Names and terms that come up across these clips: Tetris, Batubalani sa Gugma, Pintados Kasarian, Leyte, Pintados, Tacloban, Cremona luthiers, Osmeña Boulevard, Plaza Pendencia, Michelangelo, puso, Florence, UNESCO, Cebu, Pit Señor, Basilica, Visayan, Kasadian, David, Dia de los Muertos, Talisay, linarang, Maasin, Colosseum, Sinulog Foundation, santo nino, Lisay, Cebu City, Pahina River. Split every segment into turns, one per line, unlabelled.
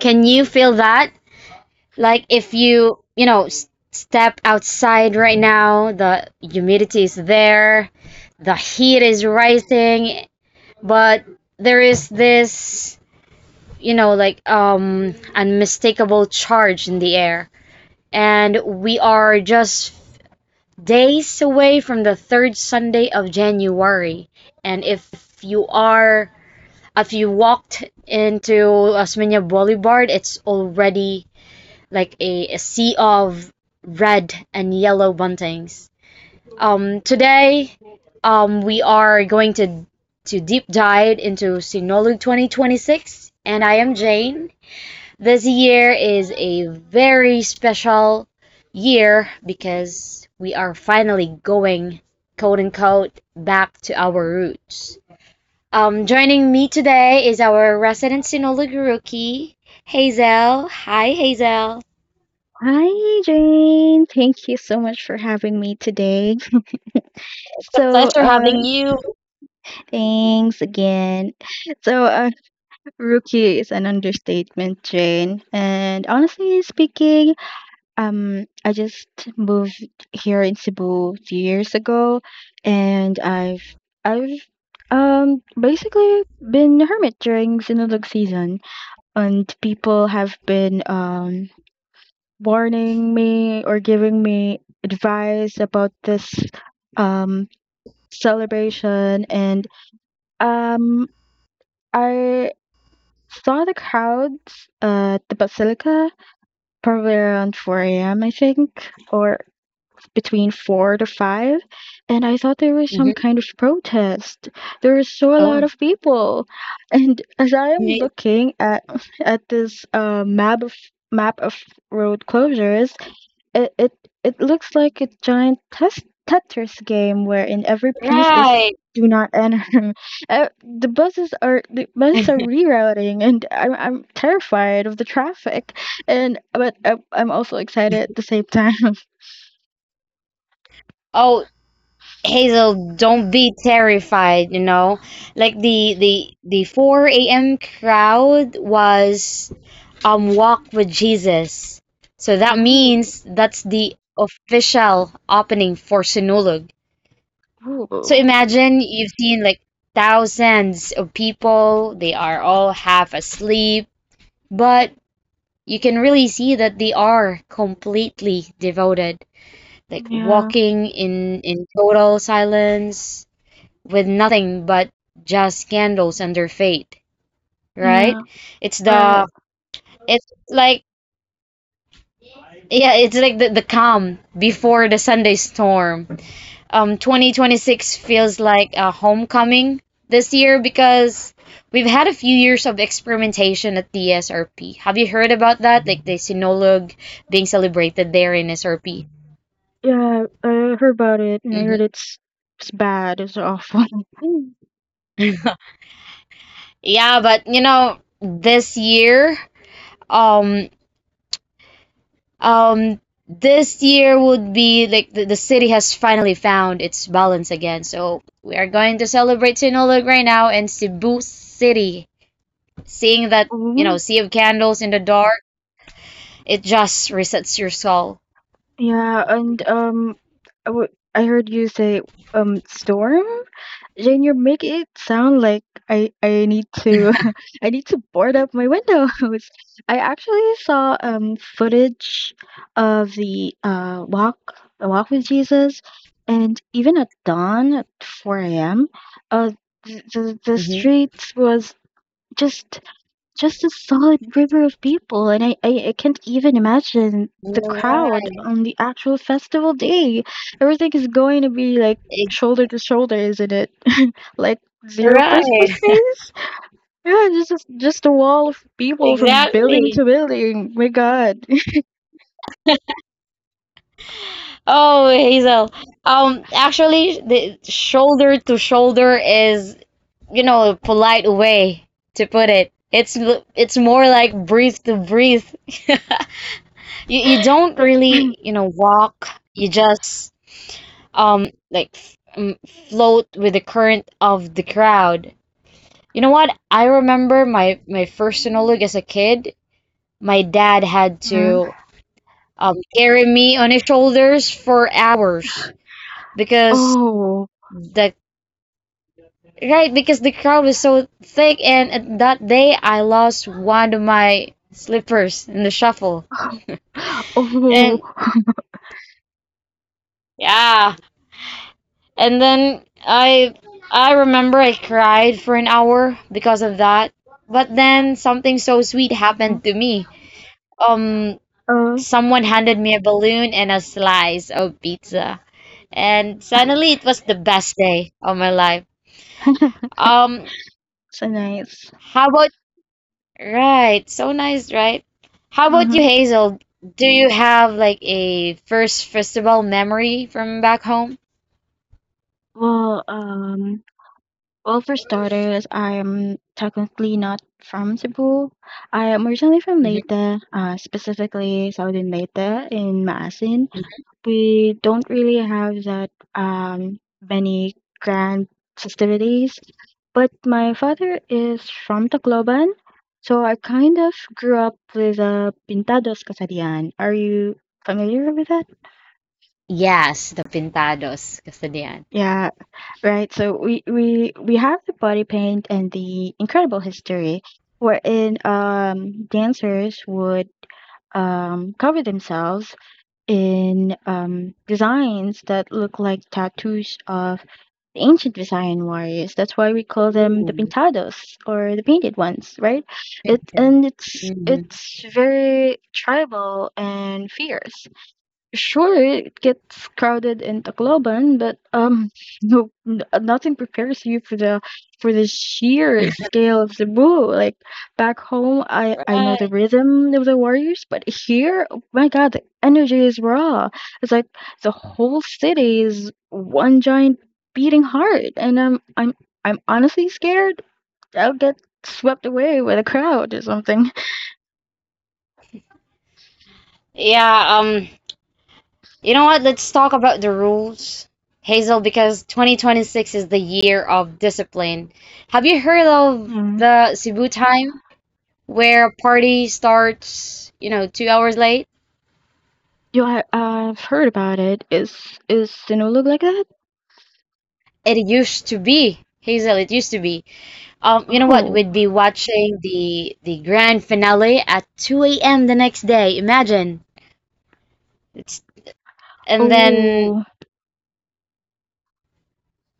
Can you feel that? Like if you, step outside right now, the humidity is there, the heat is rising, but there is this, unmistakable charge in the air. And we are just days away from the third Sunday of January. And if you are if you walked into Osmeña Boulevard, it's already like a sea of red and yellow buntings. Today, we are going to deep dive into Sinolu 2026, and I am Jane. This year is a very special year because we are finally going, quote unquote, back to our roots. Joining me today is our resident Sinolu rookie Hazel. Hi, Hazel.
Hi, Jane. Thank you so much for having me today.
It's a
So,
pleasure
uh,
having you.
thanks again. So, uh, Rookie is an understatement, Jane. And honestly speaking, I just moved here in Cebu 2 years ago, and I've basically been a hermit during Sinulog season, and people have been warning me or giving me advice about this um, celebration. And um, I saw the crowds at the Basilica probably around 4 a.m., I think, or between 4 to 5. And I thought there was some
Hmm.
kind of protest. There was a lot
Oh.
of people. And as I am
Y-
looking at this map of map of road closures, It it it looks like a giant Tetris game wherein every piece is
Right.
do not enter. The buses are rerouting, and I'm terrified of the traffic, and but I'm also excited at the same time.
oh, Hazel, don't be terrified, you know. Like the 4 a.m. crowd was walk with Jesus. So that
Ooh,
means that's the official opening for Sinulog. So
ooh,
imagine you've seen like thousands of people. They are all half asleep, but you can really see that they are completely devoted, like
yeah,
walking in total silence with nothing but just candles and their faith, right?
yeah,
It's the
right.
it's like yeah, it's like the calm before the Sunday storm. 2026 feels like a homecoming this year because we've had a few years of experimentation at the SRP. Have you heard about that? Like the Sinulog being celebrated there in SRP.
Yeah, I heard about it, and I heard
Mhm.
it's bad. It's awful.
Yeah, but you know, um, um, this year would be like the city has finally found its balance again. So we are going to celebrate Sinulog right now in Cebu City. Seeing that, you know,
Mm,
sea of candles in the dark, it just resets your soul.
yeah, and I w- I heard you say storm. Jane, you're making it sound like I need to I need to board up my windows. I actually saw footage of the walk with Jesus, and even at dawn at four a.m. uh the
Mm-hmm.
streets was just just a solid river of people, and I can't even imagine the crowd
Right,
on the actual festival day. Everything is going to be like shoulder to shoulder, isn't it? Like zero
right,
personal space. Yeah, just a wall of people from building
exactly.
to building. My God.
Oh, Hazel. Actually, the shoulder to shoulder is, you know, polite way to put it. It's more like breathe to breathe. You don't really, you know, walk. You just like float with the current of the crowd. You know what? I remember my first Sinulog as a kid. My dad had
Yeah.
to, carry me on his shoulders for hours because
Oh.
the— right, because the crowd was so thick, and at that day I lost one of my slippers in the shuffle.
Oh.
And yeah, and then I remember I cried for an hour because of that. But then something so sweet
Mhm.
happened to me. Um,
Oh.
someone handed me a balloon and a slice of pizza, and suddenly it was the best day of my life. Um,
So nice.
how about Right. So nice, right? How about you,
Mm-hmm.
Hazel? Do you have like a first festival memory from back home?
Well, well, for starters, I am technically not from Cebu. I am originally from
Mhm.
Leyte, specifically southern Leyte in Maasin. We don't really have that many grand festivities, but my father is from Tacloban, so I kind of grew up with the Pintados Kasarian. Are you familiar with that?
Yes, the Pintados, Kasadian.
Yeah, right. So we have the body paint and the incredible history, wherein dancers would cover themselves in designs that look like tattoos of the ancient Visayan warriors. That's why we call them the
Ooh.
pintados or the painted ones, right? It And it's
Mhm.
it's very tribal and fierce. Sure, it gets crowded in Tacloban, but no, nothing prepares you for the sheer scale of Cebu. Like back home, I know
Right.
the rhythm of the Warriors, but here, oh my God, the energy is raw. It's like the whole city is one giant beating heart, and I'm honestly scared I'll get swept away with a crowd or something.
Yeah, you know what? Let's talk about the rules, Hazel, because 2026 is the year of discipline. Have you heard of
Hmm.
the Cebu time where a party starts, you know, 2 hours late?
You, I've heard about it. Is Sinulog like that?
It used to be, Hazel, it used to be. You know what?
Oh,
We'd be watching the grand finale at 2 a.m. the next day. Imagine. It's and then
oh,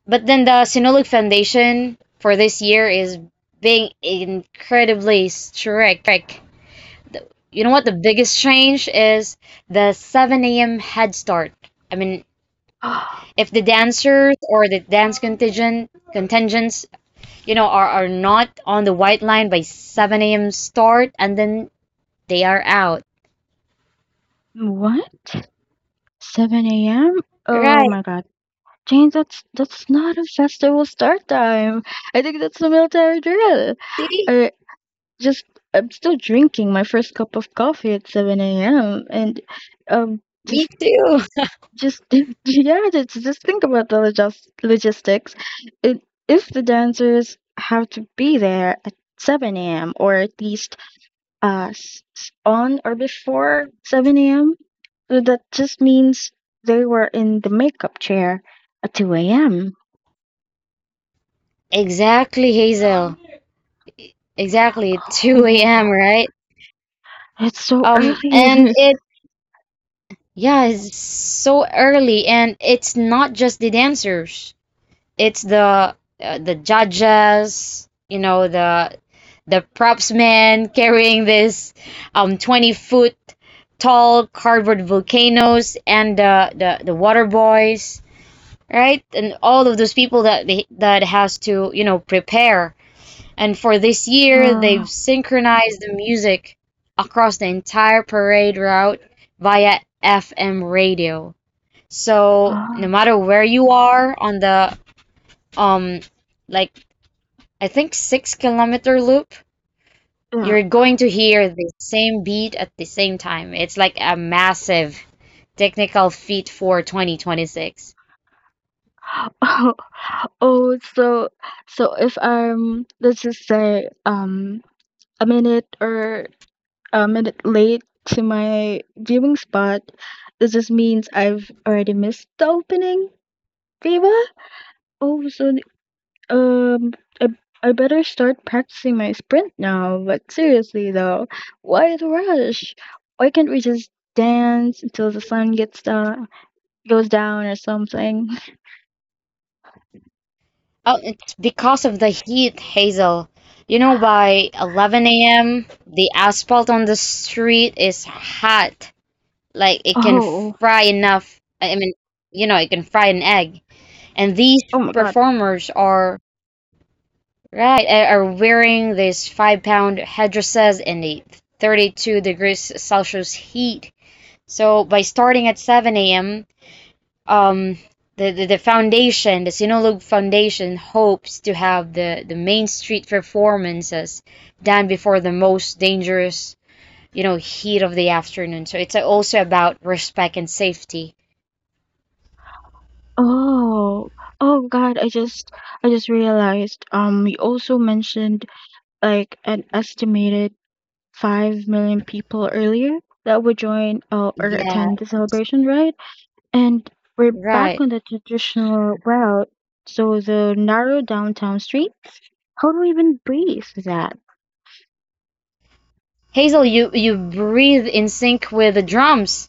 but then The Sinulog Foundation for this year is being incredibly strict. You know what? The biggest change is the 7 a.m. head start. I mean, if the dancers or the dance contingent contingents, you know, are not on the white line by 7 a.m. start, and then they are out.
what? 7 a.m.? Oh
Right.
my God, James, that's not a festival start time. I think that's a military drill.
See?
I just I'm still drinking my first cup of coffee at 7 a.m. and um
Me
just
too.
just yeah, just think about the logistics. It, if the dancers have to be there at 7 a.m. or at least on or before 7 a.m. So that just means they were in the makeup chair at 2 a.m.
Exactly, Hazel. Exactly. 2 a.m.,
Oh,
right?
it's so
And
early.
it, yeah, it's so early, and it's not just the dancers. It's the, the judges, you know, the props man carrying this, um, 20-foot tall cardboard volcanoes and the water boys, right, and all of those people that has to, you know, prepare. And for this year
Uh,
they've synchronized the music across the entire parade route via FM radio, so no
uh,
matter where you are on the, um, like I think 6 kilometer loop,
yeah.
you're going to hear the same beat at the same time. It's like a massive technical feat for 2026.
Oh, oh, so if I'm, let's just say, a minute or a minute late to my viewing spot, this just means I've already missed the opening, Viva. Oh, so Um, I, I better start practicing my sprint now. But seriously, though, why the rush? Why can't we just dance until the sun gets down, goes down or something?
Oh, it's because of the heat, Hazel. You know, by 11 a.m., the asphalt on the street is hot. Like it can
Oh,
fry enough. I mean, you know, it can fry an egg. And these
oh my God.
performers are, right, are wearing these five-pound headdresses in the 32 degrees Celsius heat. So by starting at 7 a.m., um, the Sinulog Foundation hopes to have the, main street performances done before the most dangerous, you know, heat of the afternoon. So it's also about respect and safety.
Oh, oh God. I just realized. You also mentioned like an estimated 5 million people earlier that would join or
Yeah,
attend the celebration, right? And we're back
right.
on the traditional route. So the narrow downtown street. How do we even breathe that?
Hazel, you breathe in sync with the drums.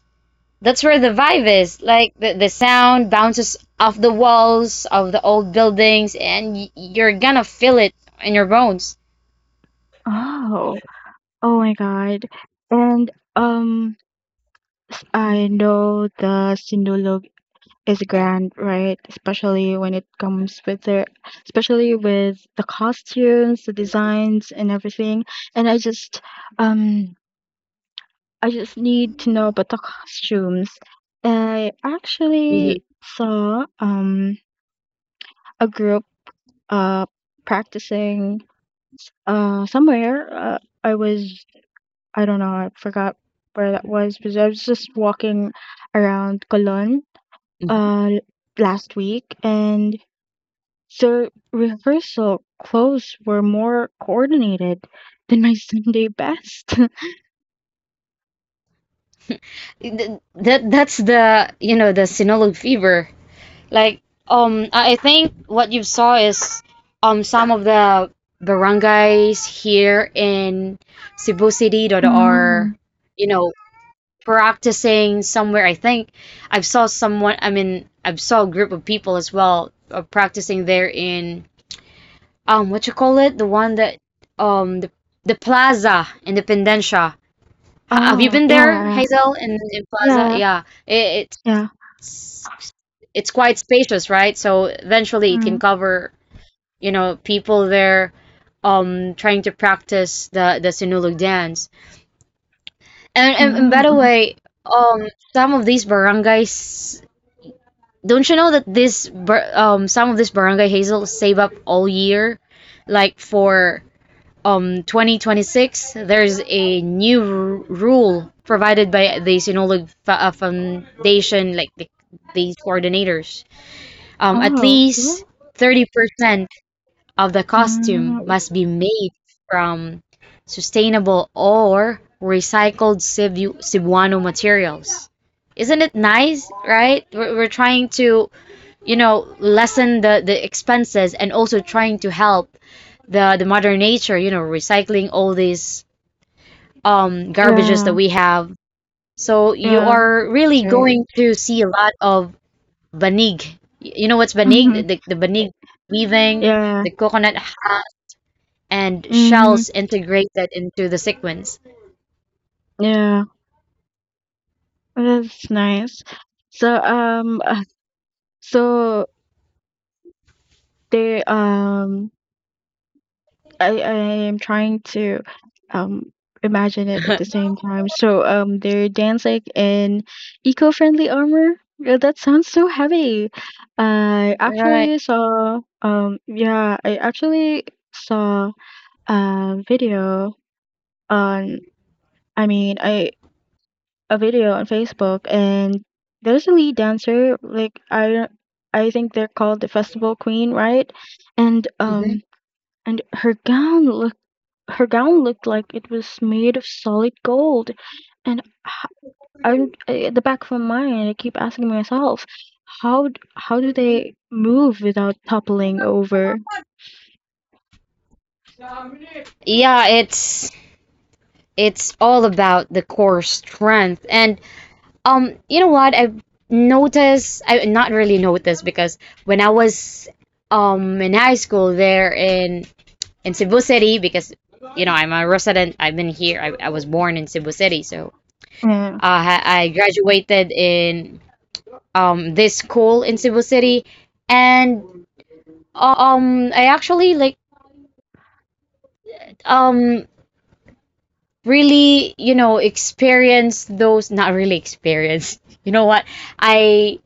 That's where the vibe is. Like the sound bounces off the walls of the old buildings, and you're gonna feel it in your bones.
Oh, oh my God. And I know the sinulog is grand, right? Especially when it comes with the, especially with the costumes, the designs, and everything. And um, I just need to know about the costumes. I
Mhm,
actually saw a group uh practicing somewhere. I don't know, I forgot where that was because I was just walking around Cologne
mhm.
uh l- last week and the rehearsal clothes were more coordinated than my Sunday best.
That's the, you know, the Sinulog fever. Like, um, I think what you saw is, um, some of the barangays here in Cebu City that are,
Mm.
you know, practicing somewhere. I think I've saw someone— I've saw a group of people as well, practicing there in, um, what you call it, the one that, um, the plaza in the Pendencia. Have you
Oh,
been there,
yeah,
Hazel, in Plaza?
yeah,
Yeah,
yeah.
it's it's quite spacious, right? So eventually it can
Mm.
cover, you know, people there, trying to practice the, Sinulog dance. And and by
Mm.
the
Mm.
way, um, some of these barangays, don't you know that this bar, some of this barangay, Hazel, save up all year, like for, 2026. There's a new rule provided by the Sinulog Foundation, like the, these coordinators. At
Oh, yeah.
least 30% of the costume
Mm.
must be made from sustainable or recycled Cebuano materials. Isn't it nice, right? We're trying to, you know, lessen the expenses and also trying to help the, mother nature, you know, recycling all these, um, garbages that
Yeah,
we have. So you
yeah.
are
That's
really
right.
going to see a lot of banig. You know what's banig? The banig weaving,
Yeah.
the coconut husk and
Mhm.
shells integrated into the sequence.
Yeah, that's nice. So so they I am trying to um imagine it at the same time. So they're dancing in eco-friendly armor. Yeah, that sounds so heavy. I
Right.
actually saw yeah, I actually saw a video on. I mean, I a video on Facebook, and there's a lead dancer. Like I, don't- I think they're called the Festival Queen, right? And
Mhm.
her gown look, her gown looked like it was made of solid gold. And h- I'm, at the back of my mind, I keep asking myself, how how do they move without toppling over?
Yeah, it's all about the core strength. And, um, you know what? I've noticed, I not really noticed, because when I was, um, in high school there in Cebu City, because you know I'm a resident, I've been here. I was born in Cebu City, so,
Yeah.
I graduated in, um, this school in Cebu City, and, um, I actually like, um, really, you know, experienced those. Not really experienced. You know what? I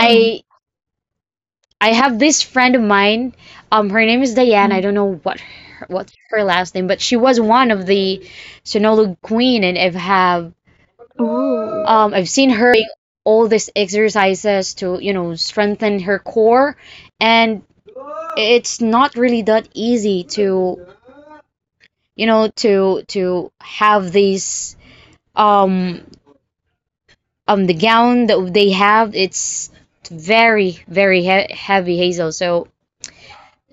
Mhm.
I have this friend of mine. Her name is Diane. I
Mm.
don't know what her, what's her last name, but she was one of the Sonolog Queen, and
Ooh,
I've seen her doing all these exercises to, you know, strengthen her core, and it's not really that easy to, you know, to have these, um, the gown that they have. It's very, very heavy, Hazel. So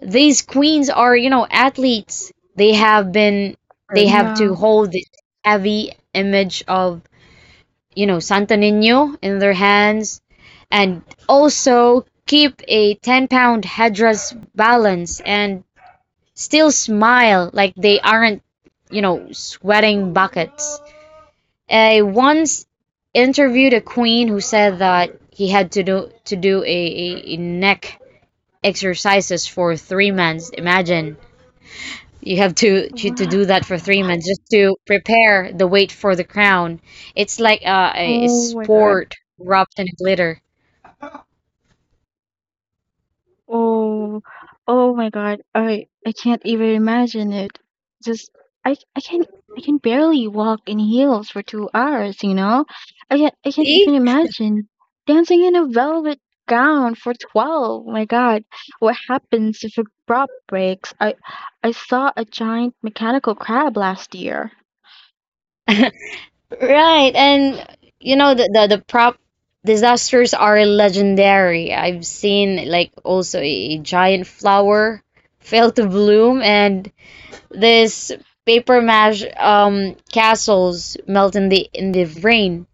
these queens are, you know, athletes. They have
yeah.
to hold the heavy image of, you know, Santo nino in their hands and also keep a 10-pound headdress balance and still smile like they aren't, you know, sweating buckets. I once interviewed a queen who said that he had to do a neck exercises for 3 months. Imagine. You have to, to
Wow.
do that for 3 months just to prepare the wait for the crown. It's like, a
Oh my God.
sport wrapped in glitter.
Oh, oh my God. I can't even imagine it. Just I can barely walk in heels for 2 hours, you know? I can't
See?
even imagine dancing in a velvet gown for 12. My God. What happens if a prop breaks? I saw a giant mechanical crab last year.
Right. And you know the, the prop disasters are legendary. I've seen like also a giant flower fail to bloom and this paper mache, um, castles melt in the, rain.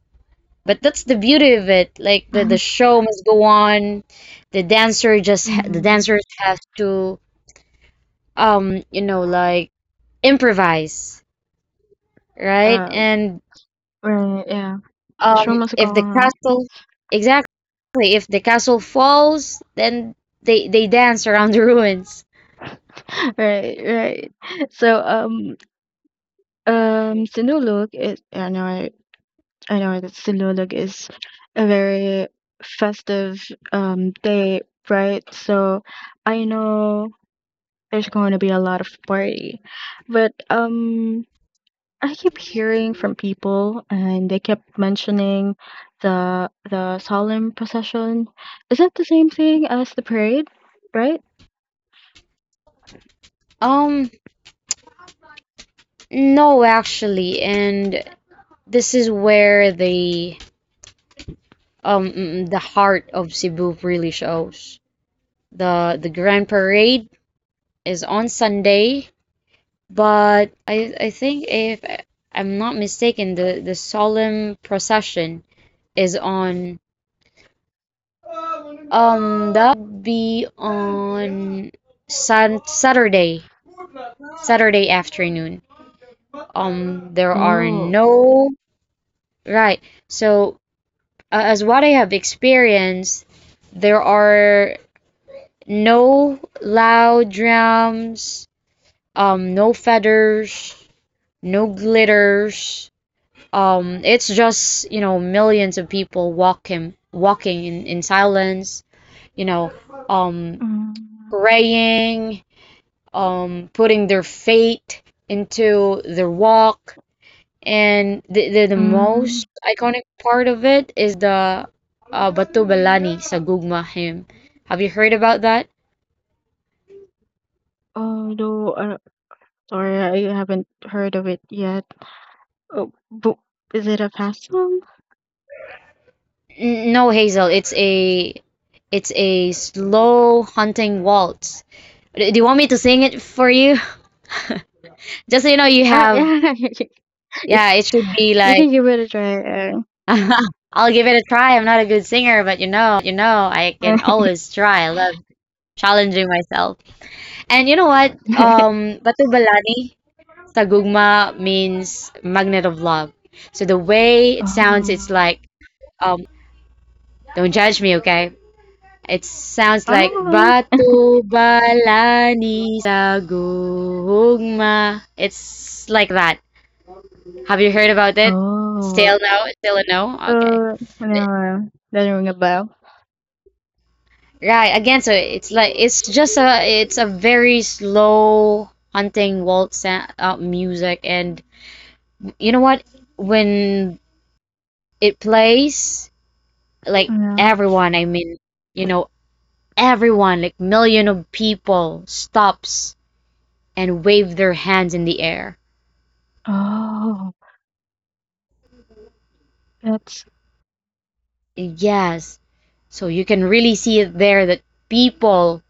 But that's the beauty of it. Like the, show must go on. The dancer just ha the
Mm,
dancers have to, um, you know, like improvise, right?
uh,
And,
right, yeah. The
um,
show must go
if the
on.
castle— exactly, if the castle falls, then they dance around the ruins.
Right, right. So, Sinulog is I know that Sinulog is a very festive day, right? So I know there's going to be a lot of party, but I keep hearing from people and they kept mentioning the solemn procession. Is that the same thing as the parade, right?
Um, no, actually, and this is where the, um, the heart of Cebu really shows. The, Grand Parade is on Sunday. But I think, if I'm not mistaken, the, solemn procession is on, um, that should be on Sun Saturday. Saturday afternoon. There are
Oh.
no— right. So, as what I have experienced, there are no loud drums, no feathers, no glitters. It's just, you know, millions of people walking in silence, you know, um,
Mm,
praying, putting their faith into their walk. And the, the
mm.
most iconic part of it is the, Batubalani sa Gugma hymn. Have you heard about that?
Oh no, sorry, I haven't heard of it yet. Oh, but is it a fast song?
No, Hazel, it's a— it's a slow hunting waltz. Do you want me to sing it for you? Just so you know, you have
Yeah, you
yeah, it should be like
can give it a try.
I'll give it a try. I'm not a good singer, but I
Uh,
can always try. I love challenging myself. And you know what? Batubalani sa means magnet of love. So the way it sounds, it's
Oh,
like um, don't judge me, okay? It sounds like
oh,
Batubalani sa. It's like that. Have you heard about it?
oh,
Still no? Still a no? Okay.
uh, no, doesn't ring a bell.
Right, again, so it's like it's a very slow hunting waltz music, and you know what? When it plays, like
Yeah.
everyone, I mean, you know, everyone, like million of people, stops and wave their hands in the air.
Oh, that's
Yes, so you can really see it there that people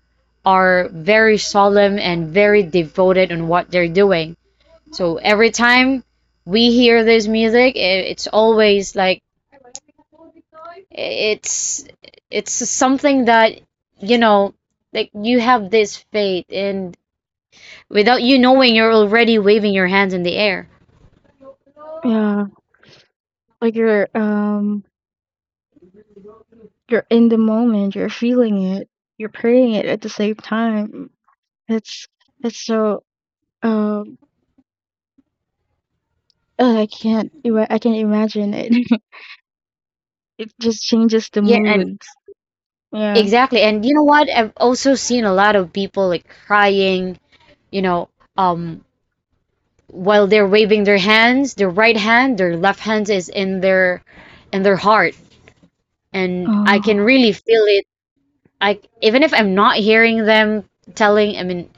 are very solemn and very devoted on what they're doing. So every time we hear this music, it's always like it's it's something that you know like you have this faith, and without you knowing you're already waving your hands in the air.
yeah. Like you're in the moment. You're feeling it. You're praying it at the same time. It's it's so um. I can't. I can't imagine it. It just changes the
Yeah, and
moods. Yeah.
exactly. And you know what? I've also seen a lot of people like crying, you know, um while they're waving their hands, their right hand, their left hand is in their heart, and I can
Oh.
really feel it. I Even if I'm not hearing them telling, I mean,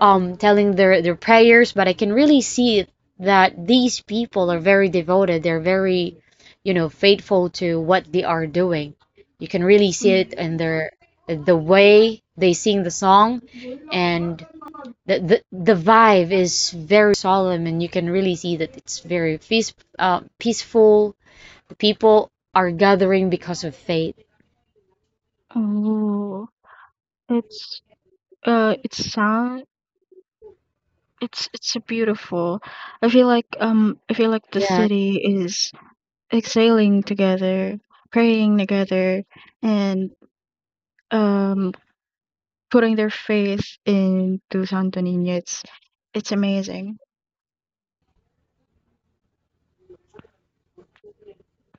telling their prayers, but I can really see that these people are very devoted. They're very, faithful to what they are doing. You can really see it
Mm.
in the way they sing the song, and the vibe is very solemn, and you can really see that it's very peaceful. The people are gathering because of faith.
Oh, it's it's sound. It's beautiful. I feel like the
Yeah.
city is exhaling together, praying together, and um, putting their faith into Santo Niño. It's amazing.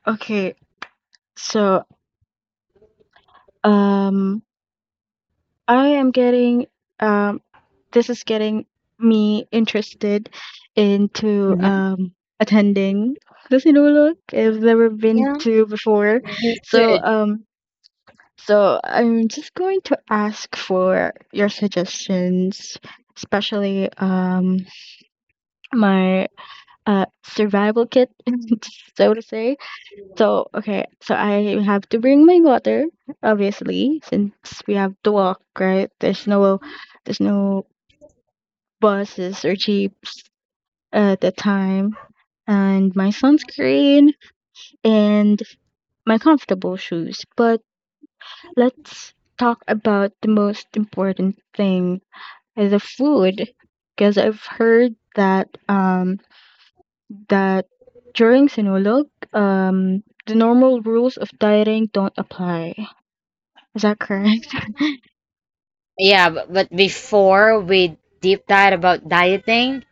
Okay, so um, I am getting um this is getting me interested into
Hmm.
attending the Sinulog. I've never been
Yeah,
to before,
you
so
should.
so I'm just going to ask for your suggestions, especially my survival kit, so to say. So okay, so I have to bring my water, obviously, since we have to walk, right? There's no buses or jeeps at the time and my sunscreen and my comfortable shoes. But let's talk about the most important thing, the food, because I've heard that that during Sinulog, the normal rules of dieting don't apply. Is that correct?
Yeah, but before we deep dive about dieting,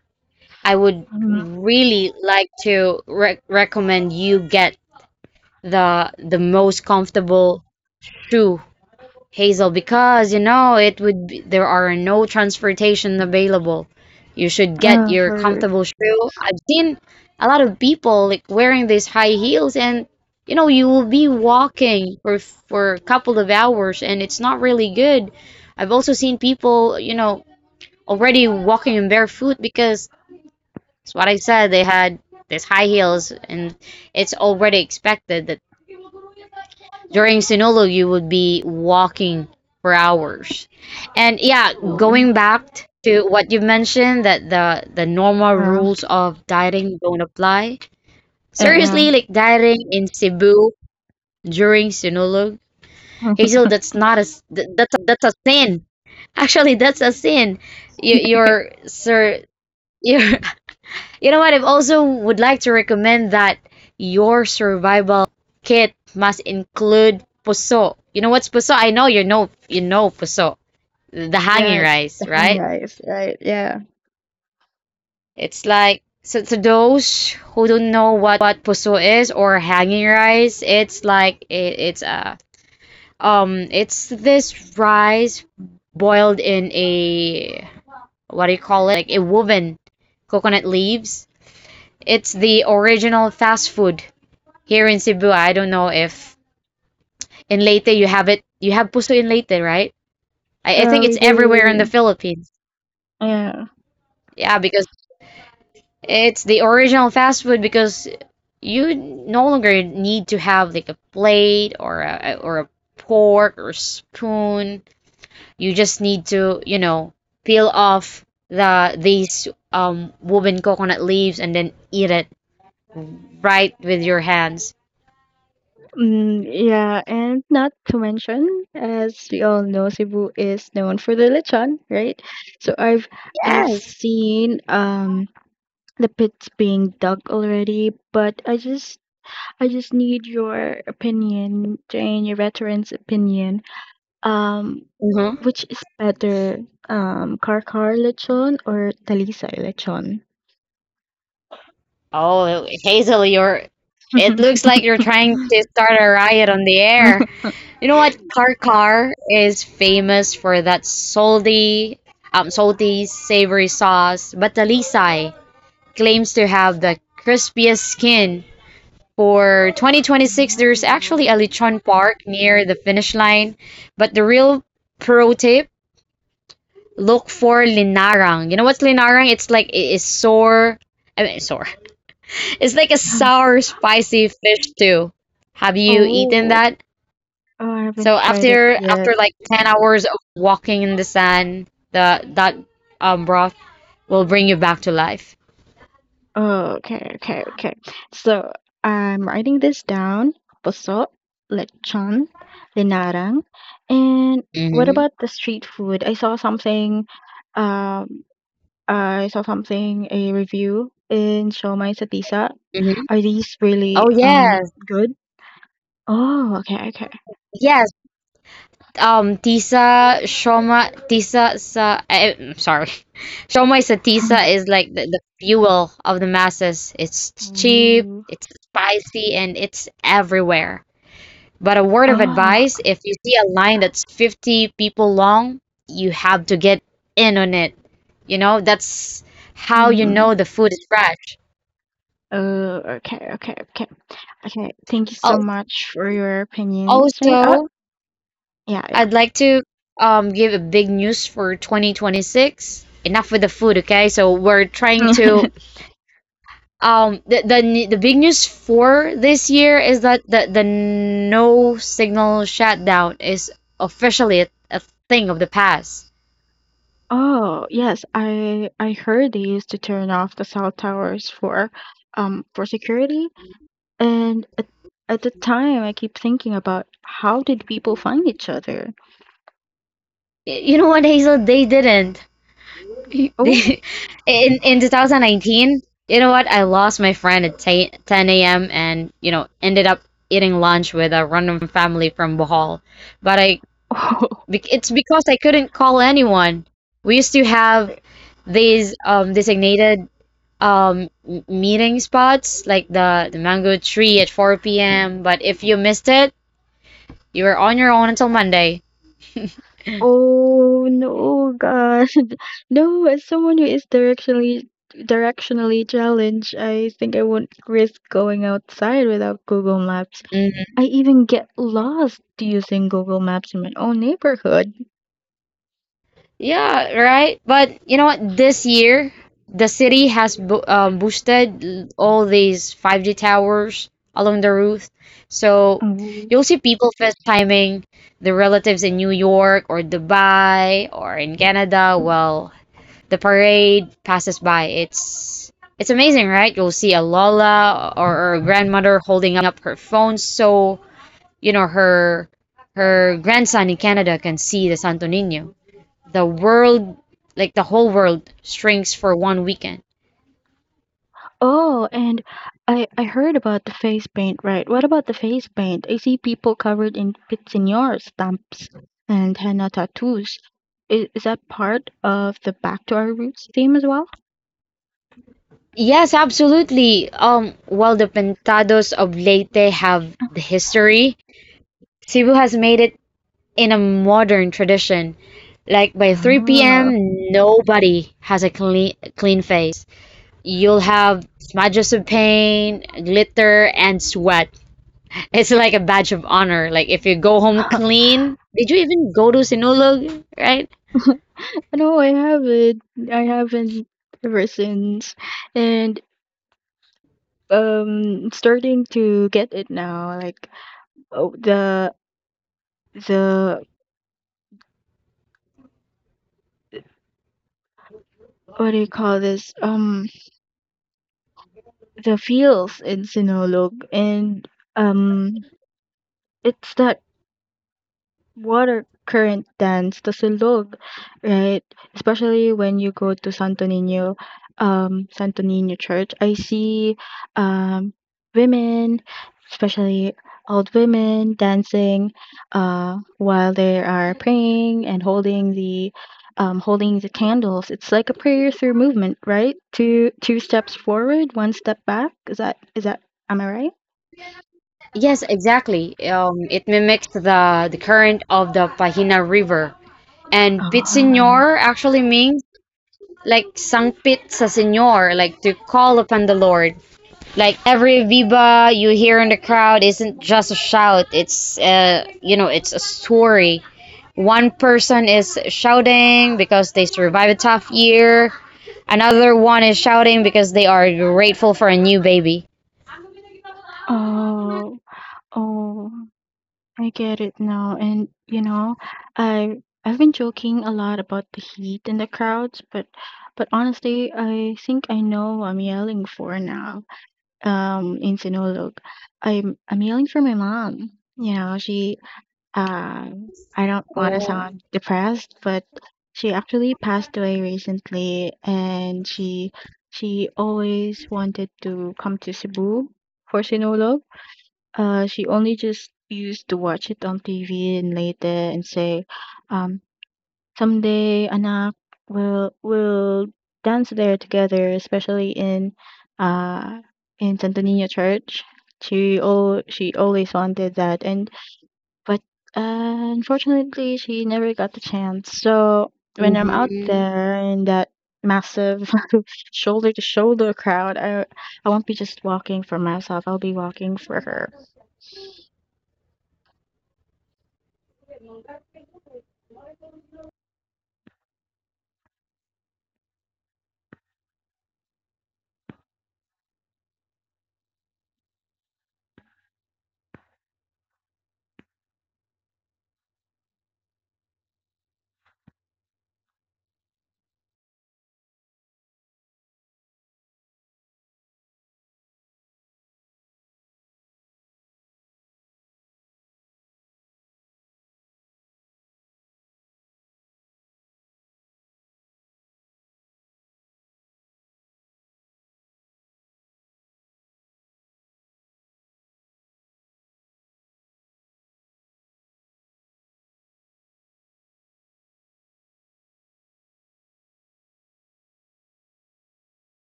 I would
Mm,
really like to re recommend you get the most comfortable shoe, Hazel, because there are no transportation available. You should get
yeah,
your
for
comfortable shoe. I've seen a lot of people like wearing these high heels, and you will be walking for a couple of hours, and it's not really good. I've also seen people, already walking in barefoot, because it's what I said, they had these high heels, and it's already expected that during Sinolo, you would be walking for hours. And yeah, going back to what you mentioned, that the normal
yeah,
rules of dieting don't apply.
yeah,
Seriously, like dieting in Cebu during Sinulog, Hazel, that's not a that's a sin. Actually, that's a sin. You,
yeah.
you're sir, you're you know what? I also would like to recommend that your survival kit must include puso. You know what's puso? I know you know puso, the
Yeah,
hanging
it's the
rice,
hang
right?
guys, right? Yeah,
It's like, so to those who don't know what puso is or hanging rice, it's like it, it's a it's this rice boiled in a, what do you call it? Like a woven coconut leaves. It's the original fast food here in Cebu. I don't know if in Leyte you have it. You have puso in Leyte, right? I
yeah,
think it's
we
everywhere in the
do.
Philippines.
Yeah.
Yeah, because it's the original fast food because you no longer need to have like a plate or a fork or spoon. You just need to, peel off these woven coconut leaves and then eat it right with your hands.
Yeah, and not to mention, as we all know, Cebu is known for the lechon, right? So I've
Yes.
seen the pits being dug already, but I just need your opinion, Jane, your veteran's opinion. Um,
Mhm.
which is better, Karkar lechon or Talisay lechon?
Oh, Hazel, you're. It looks like you're trying to start a riot on the air. You know what? Karkar is famous for that salty savory sauce, but the Lisay claims to have the crispiest skin. For 2026, there's actually a
Oh.
lechon park near the finish line, but the real pro tip: look for linarang. You know what's linarang? It's like it is sore. I mean, sore. It's like a sour, spicy fish stew. Have you eaten
Oh,
that?
oh, I
So
haven't tried it
after
yet.
after like 10 hours of walking in the sand, the that broth will bring you back to life.
Oh, okay, okay, okay. So I'm writing this down. Puso, lechon, linarang. And what
Mm-hmm.
about the street food? Um, I saw something, a review in Siomai Satisa.
Mm-hmm.
Are these really
Oh yes.
good? Oh, okay, okay.
Yes. Tisa shoma tisa sa, I'm sorry. Shoma is a tisa is like the fuel of the masses. It's cheap,
Ooh.
it's spicy, and it's everywhere. But a word of
Ah,
advice, if you see a line that's 50 people long, you have to get in on it. That's how you
mm,
know the food is fresh.
oh, okay, okay, okay. Okay, thank you so
Al-
much for your opinions, right?
Also,
Oh, yeah, yeah.
I'd like to give a big news for 2026. Enough with the food, okay? So we're trying to um the, the the big news for this year is that the no signal shutdown is officially a thing of the past.
Oh, yes. I heard they used to turn off the cell towers for security. And at the time I keep thinking about how did people find each other?
You know what, Hazel? They didn't.
Oh,
The- in 2019, you know what? I lost my friend at 10 a.m. and ended up eating lunch with a random family from Bohol. But
oh.
it's because I couldn't call anyone. We used to have these designated meeting spots like the mango tree at 4 p.m. But if you missed it, you were on your own until Monday.
Oh no, God. No, as someone who is directionally challenged, I think I won't risk going outside without Google Maps. I even get lost using Google Maps in my own neighborhood.
Yeah, right. But you know what? This year, the city has bo boosted all these 5G towers along the roof, so you'll see people FaceTiming their relatives in New York or Dubai or in Canada while the parade passes by. It's amazing, right? You'll see a Lola or a grandmother holding up her phone so, you know, her her grandson in Canada can see the Santo Niño. The world, like the whole world, shrinks for one weekend.
Oh, and I heard about the face paint, right? What about the face paint? I see people covered in Pitsinior stamps and henna tattoos. Is that part of the Back to Our Roots theme as well?
Yes, absolutely. While the pentados of Leyte have the history, Cebu has made it in a modern tradition. Like, by 3
Ah.
p.m., nobody has a clean clean face. You'll have smudges of paint, glitter, and sweat. It's like a badge of honor. Like, if you go home clean, did you even go to Sinulog, right?
No, I haven't. I haven't ever since. And starting to get it now. Like oh, the what do you call this? The feels in Sinulog and um it's that water current dance, the Silog, right? Especially when you go to Santo Niño, Santo Niño Church, I see um, women, especially old women, dancing while they are praying and holding the candles. It's like a prayer through movement, right? Two steps forward, one step back. Is that am I right?
Yes, exactly. It mimics the current of the Pahina River. And Pit Señor
Oh,
actually means like Sang Pit sa Señor, like to call upon the Lord. Like every viva you hear in the crowd isn't just a shout, it's a story. One person is shouting because they survived a tough year. Another one is shouting because they are grateful for a new baby.
oh, oh. I get it now. And you know, I I've been joking a lot about the heat and the crowds, but honestly, I think I know what I'm yelling for now. In Sinulog, I'm yelling for my mom. You know, she I don't want to
Oh,
sound depressed, but she actually passed away recently, and she always wanted to come to Cebu for Sinulog, she only just used to watch it on TV and later and say, um, someday, anak, we'll dance there together, especially uh in Santo Niño Church. She always wanted that, and but unfortunately, she never got the chance. So when I'm out
mhm.
there in that massive shoulder to shoulder crowd, I won't be just walking for myself. I'll be walking for her.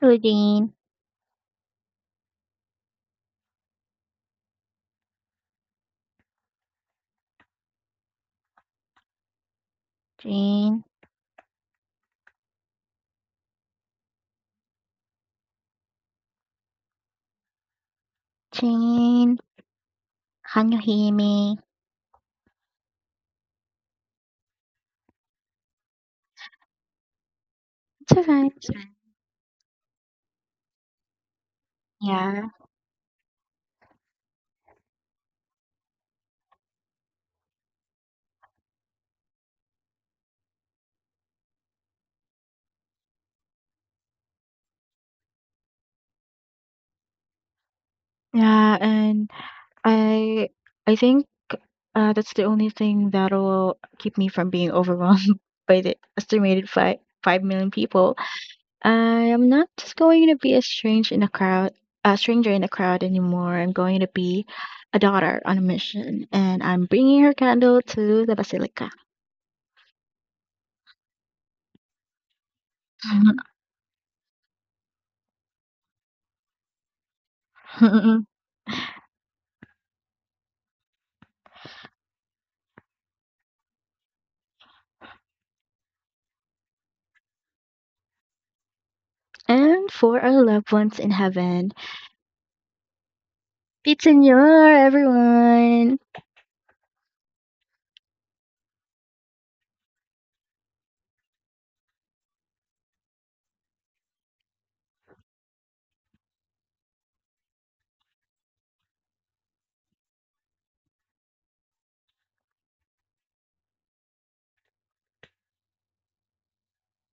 Hello, Dean. Jane, Jane, can you hear me? It's alright. It's alright. Yeah. Yeah, and I I think that's the only thing that'll keep me from being overwhelmed by the estimated five million people. I am not just going to be a stranger in a crowd anymore. I'm going to be a daughter on a mission, and I'm bringing her candle to the basilica, and for our loved ones in heaven. Pizza Noir, everyone.